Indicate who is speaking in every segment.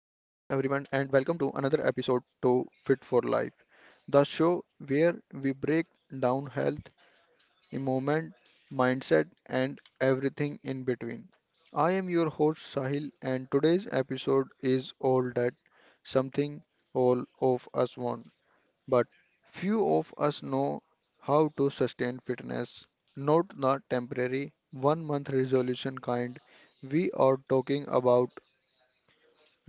Speaker 1: and welcome to another episode to Fit for Life, the show where we break down health, movement, mindset, and everything in between. I am your host Sahil, and today's episode is all that something all of us want, but few of us know how to sustain fitness, not the temporary one month resolution kind. We are talking about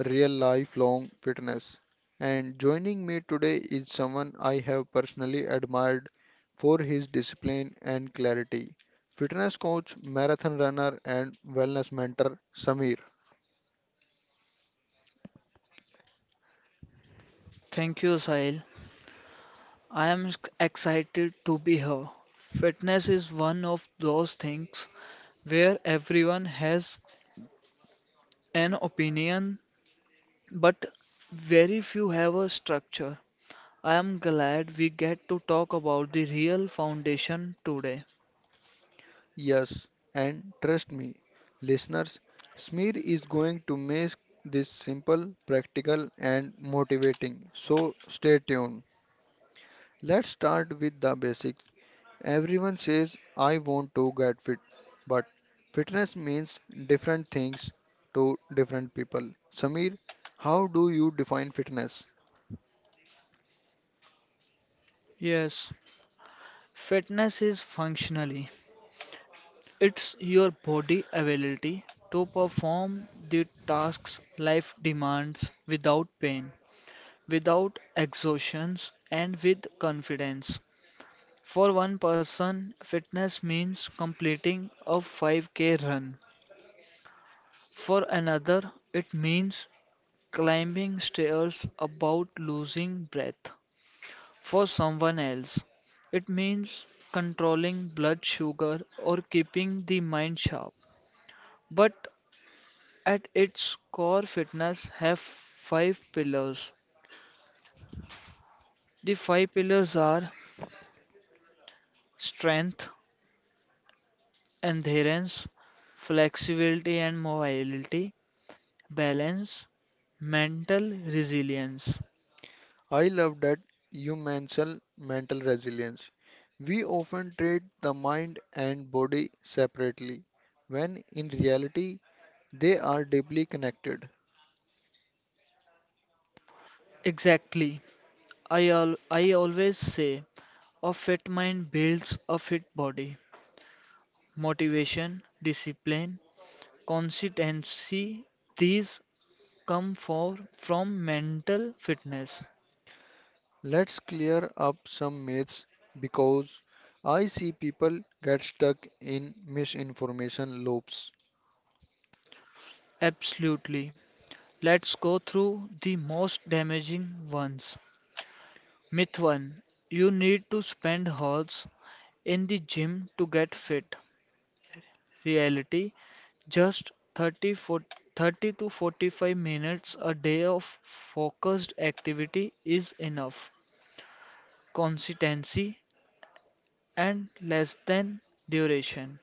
Speaker 1: real lifelong fitness. And joining me today is someone I have personally admired for his discipline and clarity. Fitness coach, marathon runner, and wellness mentor Samir.
Speaker 2: Thank you, Sahil. I am excited to be here. Fitness is one of those things where everyone has an opinion, but very few have a structure. I am glad we get to talk about the real foundation today.
Speaker 1: Yes, and trust me, listeners, Samir is going to make this simple, practical, and motivating. So stay tuned. Let's start with the basics. Everyone says, I want to get fit, but fitness means different things to different people. Samir, how do you define fitness?
Speaker 2: Yes, fitness is functionally, it's your body ability to perform the tasks life demands without pain, without exhaustion, and with confidence. For one person, fitness means completing a 5k run. For another, it means climbing stairs without losing breath. For someone else, it means controlling blood sugar or keeping the mind sharp. But at its core, fitness have five pillars. The five pillars are strength, adherence, flexibility and mobility, balance, mental resilience.
Speaker 1: I love that you mention mental resilience. We often treat the mind and body separately, when in reality, they are deeply connected.
Speaker 2: Exactly. I always say a fit mind builds a fit body. Motivation, discipline, consistency, these come from mental fitness.
Speaker 1: Let's clear up some myths because I see people get stuck in misinformation loops.
Speaker 2: Absolutely. Let's go through the most damaging ones. Myth 1: You need to spend hours in the gym to get fit. Reality: Just 30, 40 30 to 45 minutes a day of focused activity is enough. Consistency and less than duration.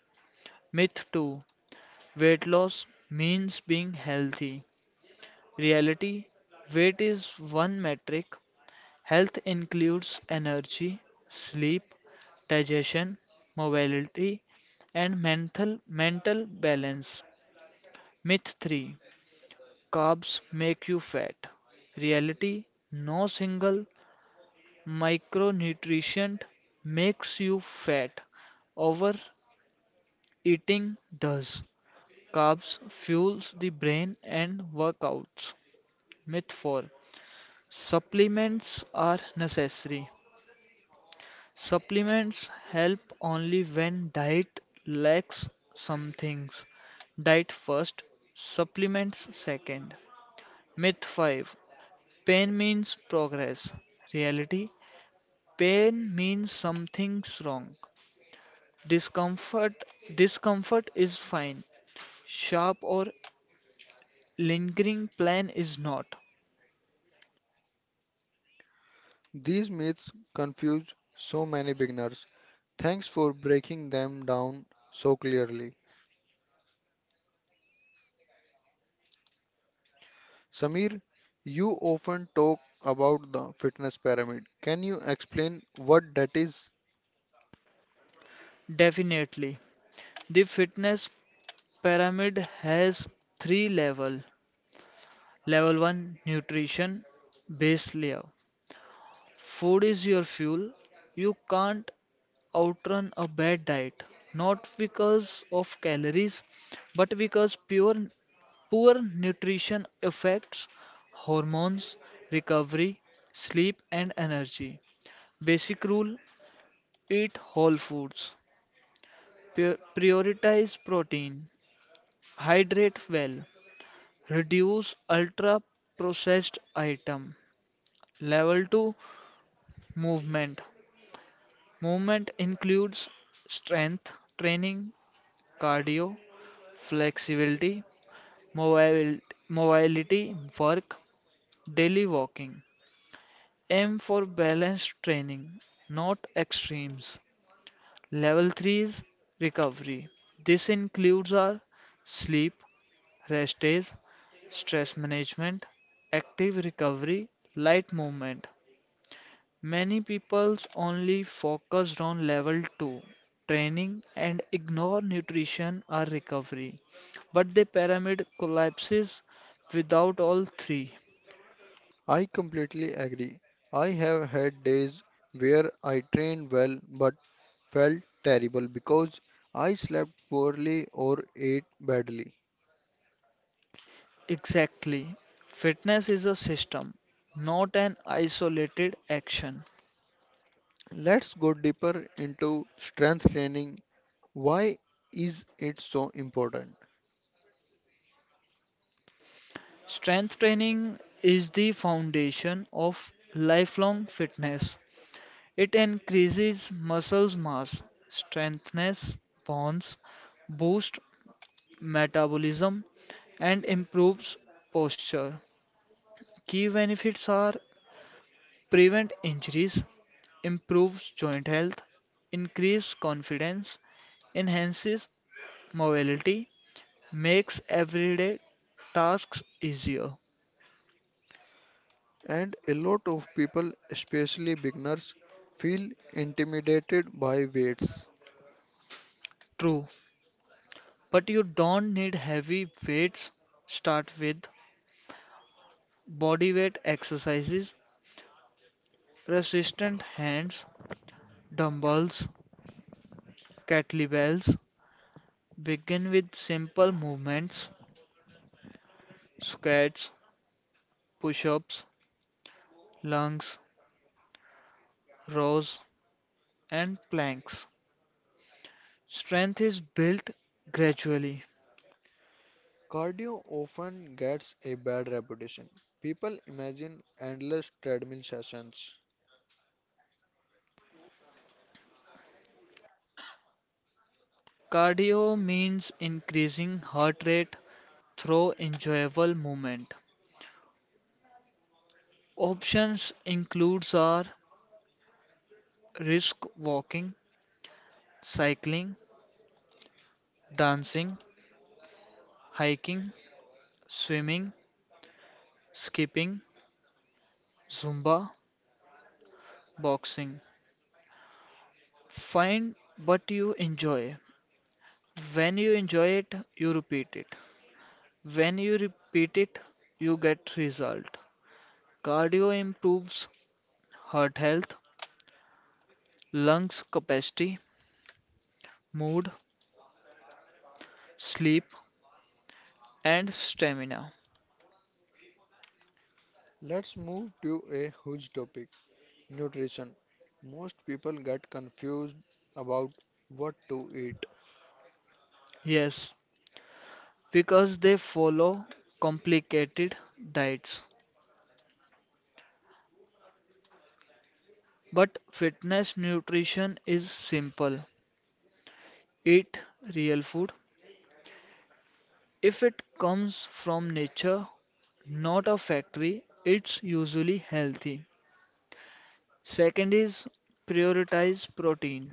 Speaker 2: Myth 2: Weight loss means being healthy. Reality: Weight is one metric. Health includes energy, sleep, digestion, mobility, and mental balance. Myth 3: Carbs make you fat. Reality, no single micronutrient makes you fat. Overeating does. Carbs fuels the brain and workouts. Myth 4: Supplements are necessary. Supplements help only when diet lacks some things. Diet first, supplements second. Myth 5: Pain means progress. Reality: Pain means something's wrong. Discomfort discomfort is fine. Sharp or lingering pain is not.
Speaker 1: These myths confuse so many beginners. Thanks for breaking them down so clearly. Samir, you often talk about the fitness pyramid. Can you explain what that is?
Speaker 2: Definitely. The fitness pyramid has three level. Level 1: nutrition, base layer. Food is your fuel. You can't outrun a bad diet, not because of calories, but because poor nutrition affects hormones, recovery, sleep, and energy. Basic rule: eat whole foods, prioritize protein, hydrate well, reduce ultra processed item. Level 2: movement. Movement includes strength training, cardio, flexibility, mobil- mobility work, daily walking. Aim for balanced training, not extremes. Level 3 is recovery. This includes our sleep, rest days, stress management, active recovery, light movement. Many peoples only focused on level two training and ignore nutrition or recovery, but the pyramid collapses without all three.
Speaker 1: I completely agree. I have had days where I trained well but felt terrible because I slept poorly or ate badly.
Speaker 2: Exactly. Fitness is a system, not an isolated action.
Speaker 1: Let's go deeper into strength training. Why is it so important?
Speaker 2: Strength training is the foundation of lifelong fitness. It increases muscle mass, strengthens bonds, boosts metabolism, and improves posture. Key benefits are prevent injuries, improves joint health, increase confidence, enhances mobility, makes everyday tasks easier.
Speaker 1: And a lot of people, especially beginners, feel intimidated by weights.
Speaker 2: True, but you don't need heavy weights. Start with body weight exercises, resistant hands, dumbbells, kettlebells. Begin with simple movements, squats, push ups, lunges, rows, and planks. Strength is built gradually.
Speaker 1: Cardio often gets a bad reputation. People imagine endless treadmill sessions.
Speaker 2: Cardio means increasing heart rate through enjoyable movement. Options includes are brisk walking, cycling, dancing, hiking, swimming, skipping, zumba, boxing. Find what you enjoy. When you enjoy it, you repeat it. When you repeat it, you get result. Cardio improves heart health, lungs capacity, mood, sleep, and stamina.
Speaker 1: Let's move to a huge topic, nutrition. Most people get confused about what to eat.
Speaker 2: Yes, because they follow complicated diets. But fitness nutrition is simple: eat real food. If it comes from nature, not a factory, it's usually healthy. Second is prioritize protein.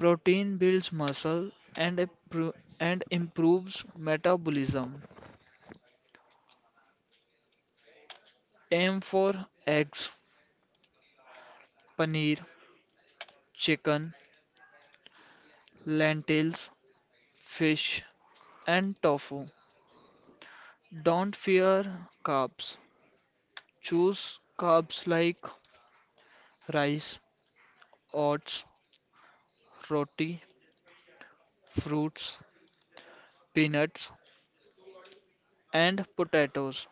Speaker 2: Protein builds muscle and, appro- and improves metabolism. Aim for eggs, paneer, chicken, lentils, fish, and tofu. Don't fear carbs. Choose carbs like rice, oats, roti, fruits, peanuts, and potatoes.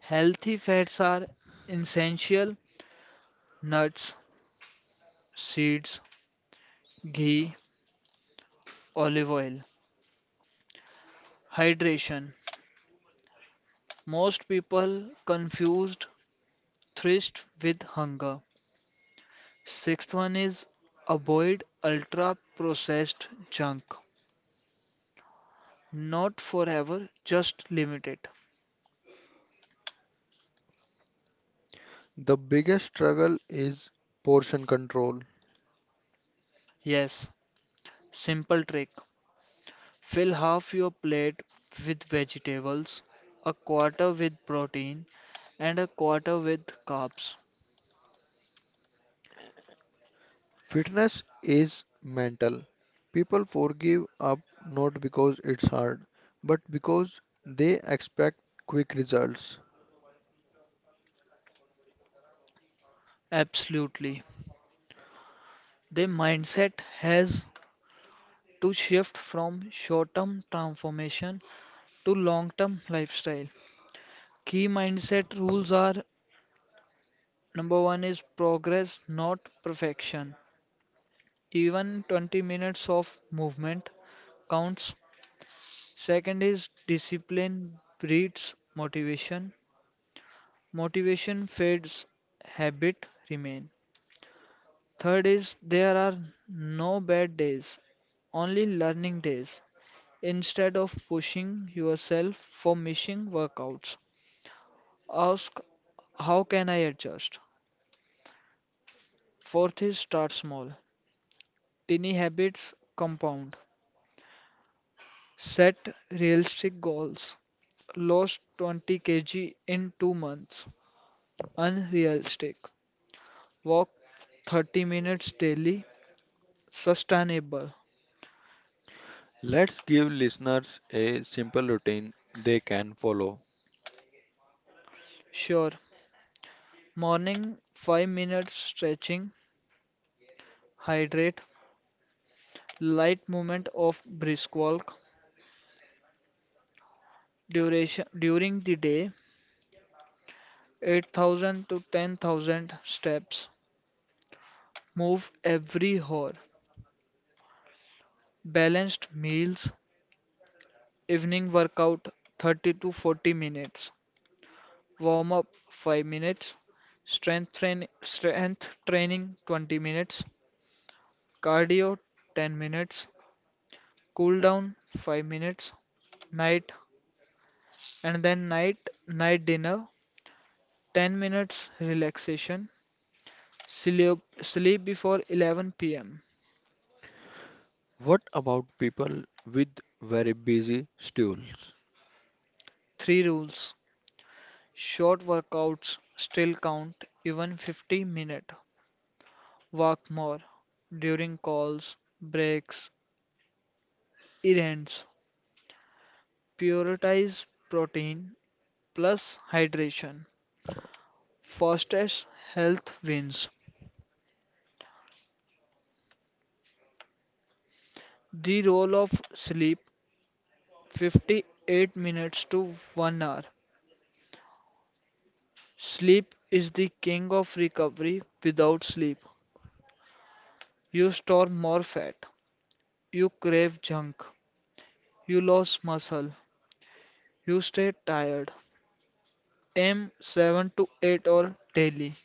Speaker 2: Healthy fats are essential: nuts, seeds, ghee, olive oil. Hydration. Most people confused thirst with hunger. Sixth one is avoid ultra processed junk. Not forever, just limit it.
Speaker 1: The biggest struggle is portion control.
Speaker 2: Yes, simple trick. Fill half your plate with vegetables, a quarter with protein, and a quarter with carbs.
Speaker 1: Fitness is mental. People forgive up not because it's hard, but because they expect quick results.
Speaker 2: Absolutely. The mindset has to shift from short term transformation to long term lifestyle. Key mindset rules are: Number one is progress, not perfection. Even 20 minutes of movement counts. Second is discipline breeds motivation. Motivation fades, habit remain. Third is there are no bad days, only learning days. Instead of pushing yourself for missing workouts, ask: how can I adjust? Fourth is start small. Tiny habits compound. Set realistic goals. Lost 20 kg in 2 months: unrealistic. Walk 30 minutes daily: sustainable.
Speaker 1: Let's give listeners a simple routine they can follow.
Speaker 2: Sure. Morning: 5 minutes stretching. Hydrate. Light movement of brisk walk. Duration during the day: 8,000 to 10,000 steps. Move every hour. Balanced meals. Evening workout: 30 to 40 minutes. Warm up 5 minutes, strength training 20 minutes, cardio 10 minutes, cool down 5 minutes. Night, and then night dinner, 10 minutes relaxation, sleep before 11 p.m.
Speaker 1: What about people with very busy schedules?
Speaker 2: Three rules. Short workouts still count, even 50 minute. Walk more during calls, breaks, errands. Prioritize protein plus hydration: fastest health wins. The role of sleep: 58 minutes to 1 hour. Sleep is the king of recovery. Without sleep, you store more fat, you crave junk, you lose muscle, you stay tired. Aim 7 to 8 hours daily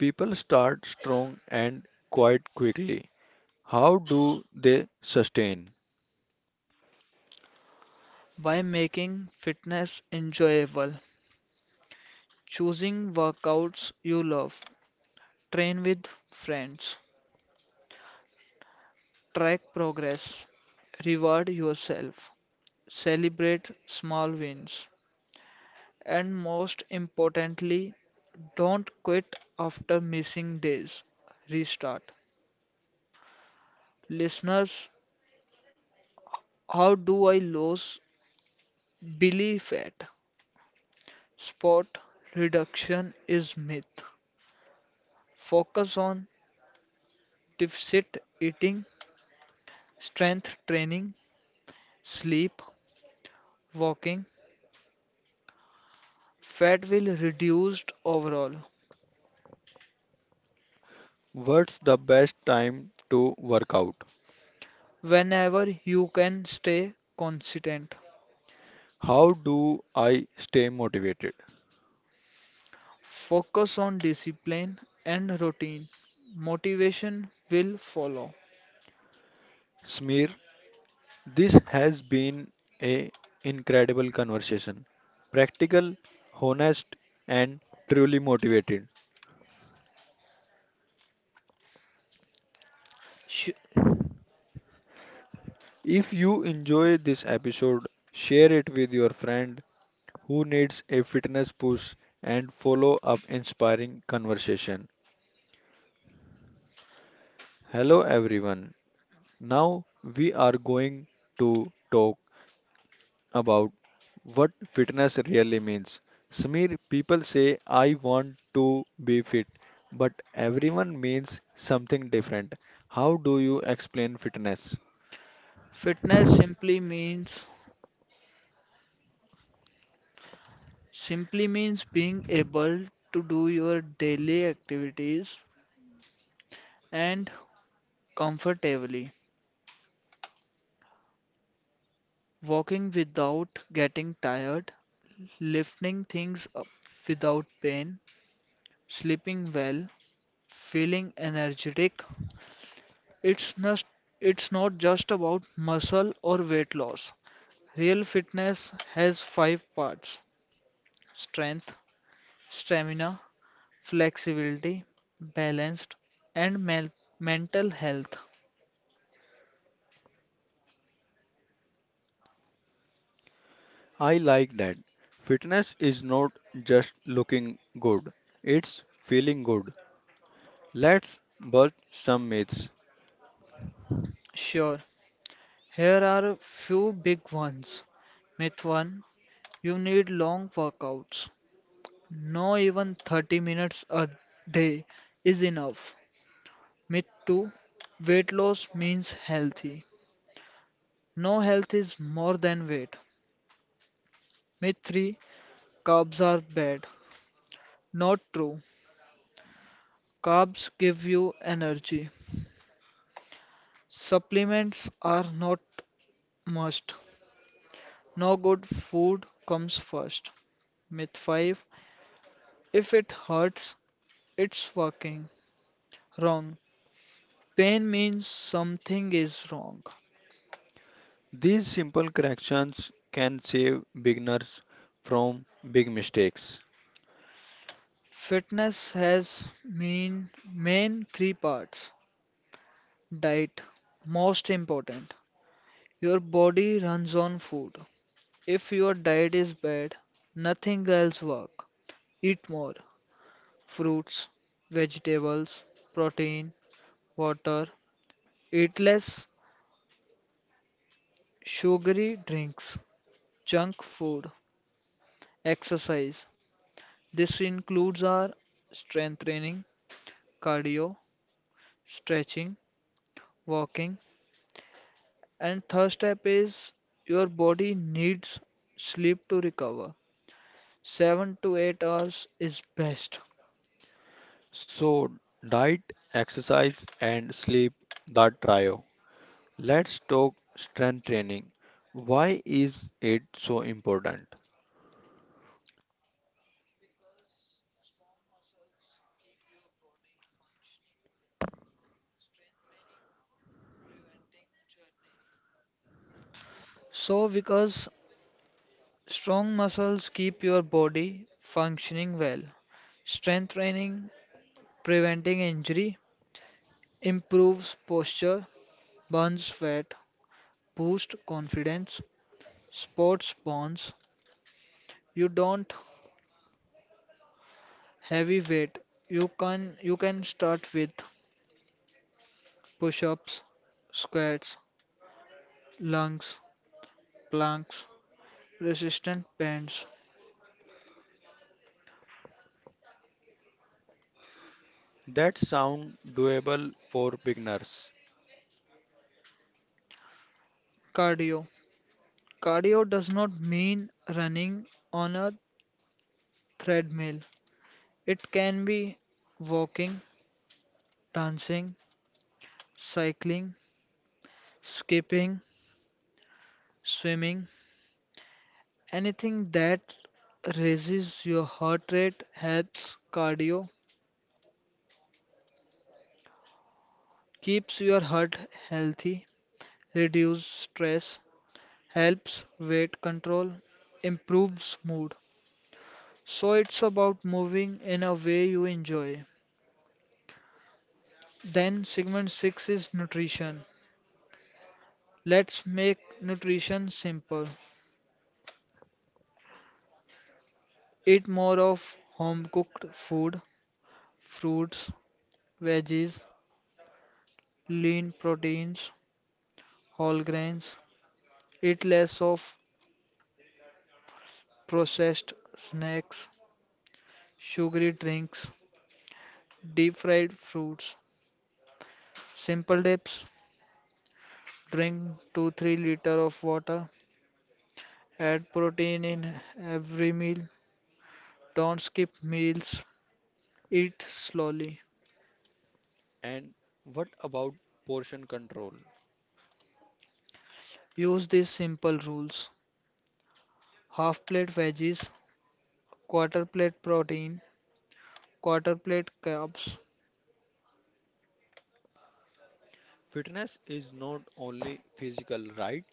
Speaker 1: People start strong and quite quickly. How do they sustain?
Speaker 2: by making fitness enjoyable, choosing workouts you love, train with friends, track progress, reward yourself, celebrate small wins, and most importantly, don't quit after missing days. Restart. Listeners, how do I lose belief at sport reduction is myth? Focus on deficit eating, strength training, sleep, walking. Fat will reduced overall.
Speaker 1: What's the best time to work out?
Speaker 2: Whenever you can stay consistent,
Speaker 1: How do I stay motivated?
Speaker 2: focus on discipline and routine. Motivation will follow.
Speaker 1: Smear, this has been a incredible conversation. Practical, honest, and truly motivated.
Speaker 2: Sh-
Speaker 1: If you enjoy this episode, share it with your friend who needs a fitness push and follow up inspiring conversation. Hello everyone. Now we are going to talk about what fitness really means. Samir, people say, I want to be fit, but everyone means something different. How do you explain fitness?
Speaker 2: Fitness simply means being able to do your daily activities and comfortably, walking without getting tired, lifting things up without pain, sleeping well, feeling energetic. It's not, it's not just about muscle or weight loss. Real fitness has five parts: strength, stamina, flexibility, balanced, and mental health.
Speaker 1: I like that. Fitness is not just looking good, it's feeling good. Let's bust some myths.
Speaker 2: Sure, here are a few big ones. Myth 1: You need long workouts. No, even 30 minutes a day is enough. Myth 2: Weight loss means healthy. No, health is more than weight. Myth 3: carbs are bad. Not true. Carbs give you energy. Supplements are not must. No, good food comes first. Myth 5: If it hurts, it's working. Wrong. Pain means something is wrong.
Speaker 1: These simple corrections can save beginners from big mistakes.
Speaker 2: Fitness has mean main three parts. Diet, most important. Your body runs on food. If your diet is bad, nothing else work. Eat more: fruits, vegetables, protein, water. Eat less sugary drinks, junk food. Exercise. This includes our strength training, cardio, stretching, walking, and third step is your body needs sleep to recover. 7 to 8 hours is best.
Speaker 1: So, diet, exercise, and sleep, that trio. Let's talk strength training. Why is it so important?
Speaker 2: So, because strong muscles keep your body functioning well, strength training preventing injury, improves posture, burns fat, boosts confidence, sports bonds. You don't heavy weight. You can start with push-ups, squats, lunges, planks, resistant bands.
Speaker 1: That sound doable for beginners.
Speaker 2: Cardio. Cardio does not mean running on a treadmill. It can be walking, dancing, cycling, skipping, swimming. Anything that raises your heart rate helps. Cardio keeps your heart healthy, reduces stress, helps weight control, improves mood. So it's about moving in a way you enjoy. Then segment 6 is nutrition. Let's make nutrition simple. Eat more of home cooked food, fruits, veggies, lean proteins, whole grains. Eat less of processed snacks, sugary drinks, deep fried fruits, simple dips. Drink 2 3 liter of water. Add protein in every meal. Don't skip meals. Eat slowly.
Speaker 1: And what about portion control?
Speaker 2: Use these simple rules: half plate veggies, quarter plate protein, quarter plate carbs.
Speaker 1: Fitness is not only physical, right?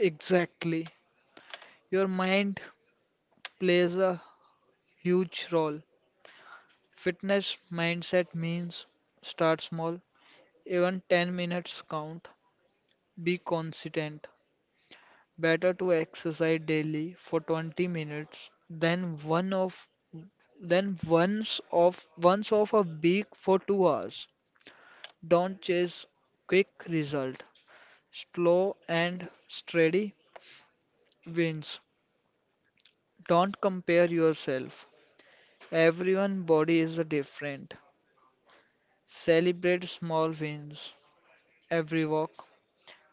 Speaker 2: Exactly. Your mind plays a huge role. Fitness mindset means start small. Even 10 minutes count. Be consistent. Better to exercise daily for 20 minutes than one of than once of a week for 2 hours. Don't chase quick result. Slow and steady wins. Don't compare yourself. Everyone body is different. Celebrate small wins. Every walk,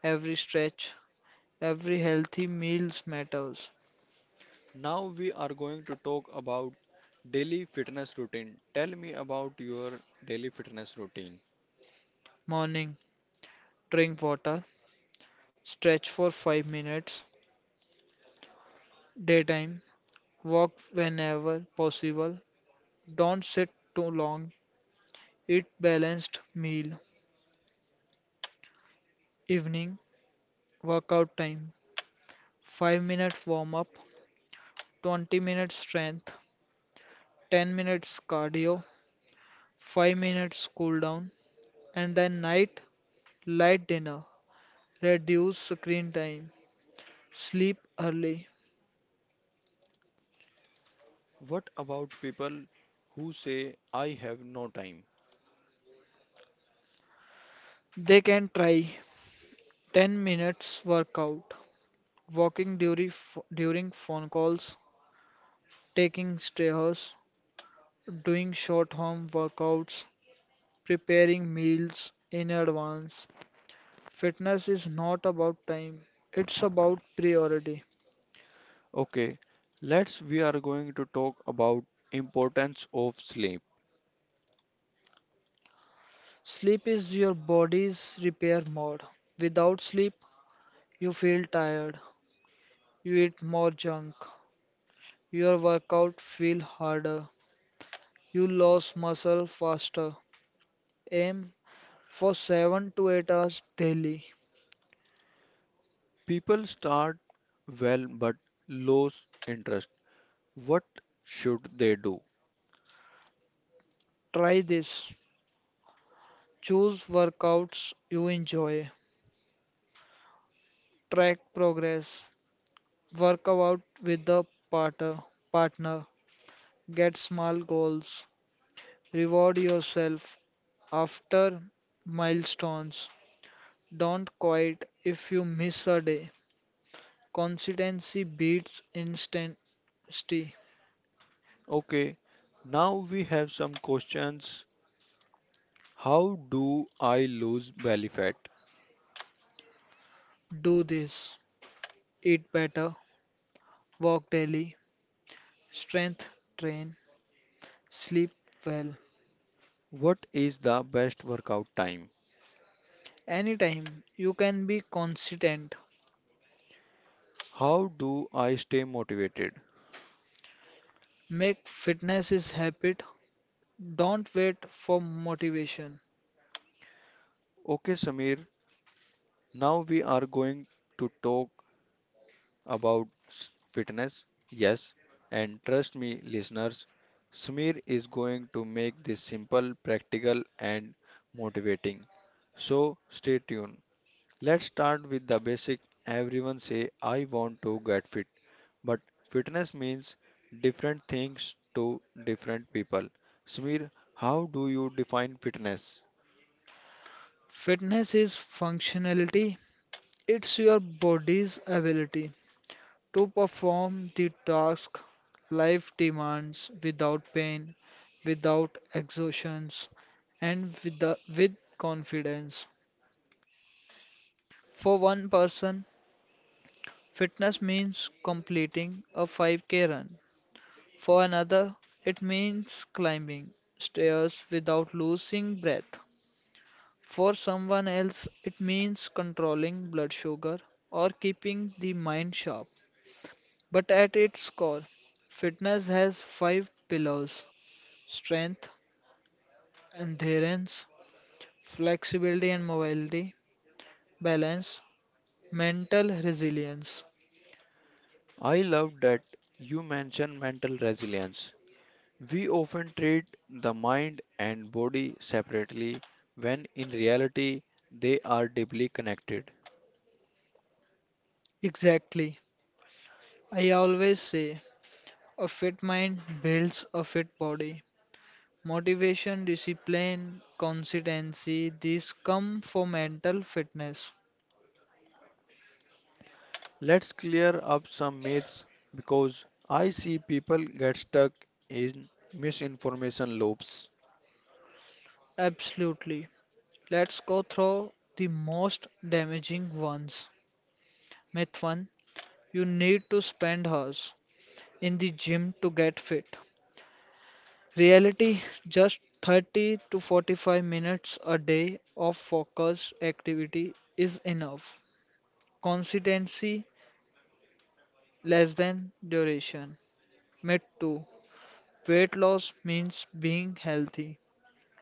Speaker 2: every stretch, every healthy meals matters.
Speaker 1: Now we are going to talk about daily fitness routine. Tell me about your daily fitness routine.
Speaker 2: Morning: drink water, stretch for 5 minutes. Daytime: walk whenever possible, don't sit too long, eat balanced meal. Evening, workout time: 5 minutes warm up, 20 minutes strength, 10 minutes cardio, 5 minutes cool down. And then night: light dinner, reduce screen time, sleep early.
Speaker 1: What about people who say I have no time?
Speaker 2: They can try 10 minutes workout, walking during phone calls, taking stairs, doing short home workouts, preparing meals in advance. Fitness is not about time, it's about priority.
Speaker 1: Okay, let's we are going to talk about importance of sleep.
Speaker 2: Sleep is your body's repair mode. Without sleep, you feel tired, you eat more junk, your workout feel harder, you lose muscle faster. Aim for 7 to 8 hours daily.
Speaker 1: People start well but lose interest. What should they do?
Speaker 2: Try this. Choose workouts you enjoy, track progress, work out with the partner, partner, get small goals, reward yourself after milestones. Don't quit if you miss a day. Consistency beats instancy.
Speaker 1: Okay, now we have some questions. How do I lose belly fat?
Speaker 2: Do this. Eat better, walk daily, strength train, sleep well.
Speaker 1: What is the best workout time?
Speaker 2: Anytime you can be consistent.
Speaker 1: How do I stay motivated?
Speaker 2: Make fitness is habit. Don't wait for motivation.
Speaker 1: Okay, Samir, now we are going to talk about fitness. Yes, and trust me, listeners, Smear is going to make this simple, practical, and motivating. So stay tuned. Let's start with the basic. Everyone say, I want to get fit. But fitness means different things to different people. Smear, how do you define fitness?
Speaker 2: Fitness is functionality, it's your body's ability to perform the task life demands without pain, without exhaustions, and with confidence. For one person, fitness means completing a 5k run. For another, it means climbing stairs without losing breath. For someone else, it means controlling blood sugar or keeping the mind sharp. But at its core, fitness has five pillars: strength, endurance, flexibility and mobility, balance, mental resilience.
Speaker 1: I love that you mention mental resilience. We often treat the mind and body separately when in reality they are deeply connected.
Speaker 2: Exactly. I always say a fit mind builds a fit body. Motivation, discipline, consistency, these come for mental fitness.
Speaker 1: Let's clear up some myths because I see people get stuck in misinformation loops.
Speaker 2: Absolutely. Let's go through the most damaging ones. Myth 1: You need to spend hours in the gym to get fit. Reality: just 30 to 45 minutes a day of focused activity is enough. Consistency less than duration. Myth 2: Weight loss means being healthy.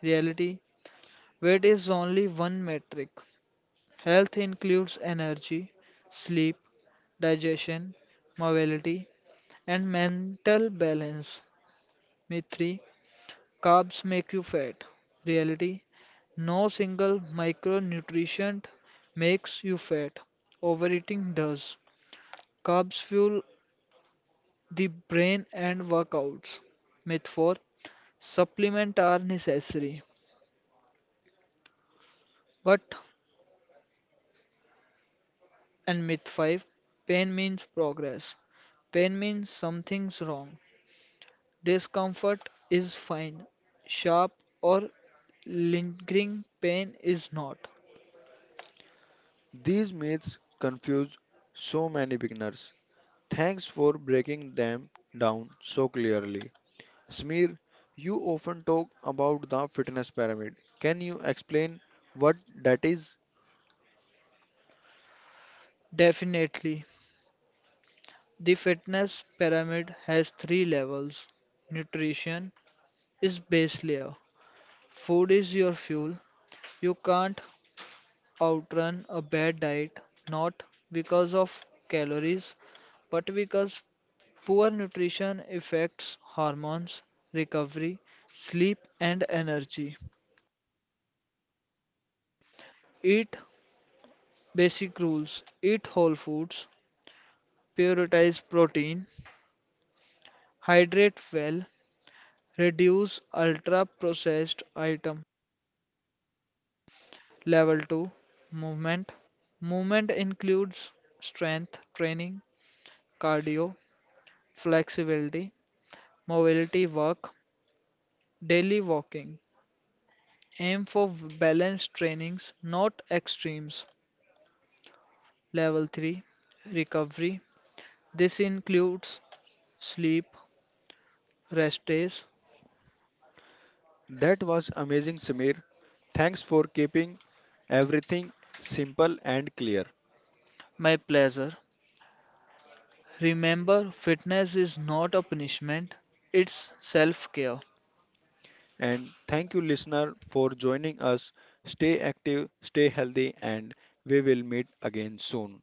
Speaker 2: Reality: Weight is only one metric. Health includes energy, sleep, digestion, mobility, and mental balance. Myth 3: Carbs make you fat. Reality: No single micronutrient makes you fat. Overeating does. Carbs fuel the brain and workouts. Myth 4: Supplements are necessary. But, and myth 5: Pain means progress. Pain means something's wrong. Discomfort is fine, sharp or lingering pain is not.
Speaker 1: These myths confuse so many beginners. Thanks for breaking them down so clearly. Smir, you often talk about the fitness pyramid. Can you explain what that is?
Speaker 2: Definitely. The fitness pyramid has three levels. Nutrition is base layer. Food is your fuel. You can't outrun a bad diet, not because of calories, but because poor nutrition affects hormones, recovery, sleep, and energy. Eat basic rules. Eat whole foods. Prioritize protein. Hydrate well. Reduce ultra processed item. Level 2: Movement. Movement includes strength training, cardio, flexibility, mobility work, daily walking. Aim for balanced trainings, not extremes. Level 3: Recovery. This includes sleep, rest days,
Speaker 1: That was amazing, Smir. Thanks for keeping everything simple and clear.
Speaker 2: my pleasure. Remember, fitness is not a punishment, it's self care.
Speaker 1: And thank you, listener, for joining us. Stay active, stay healthy, and we will meet again soon.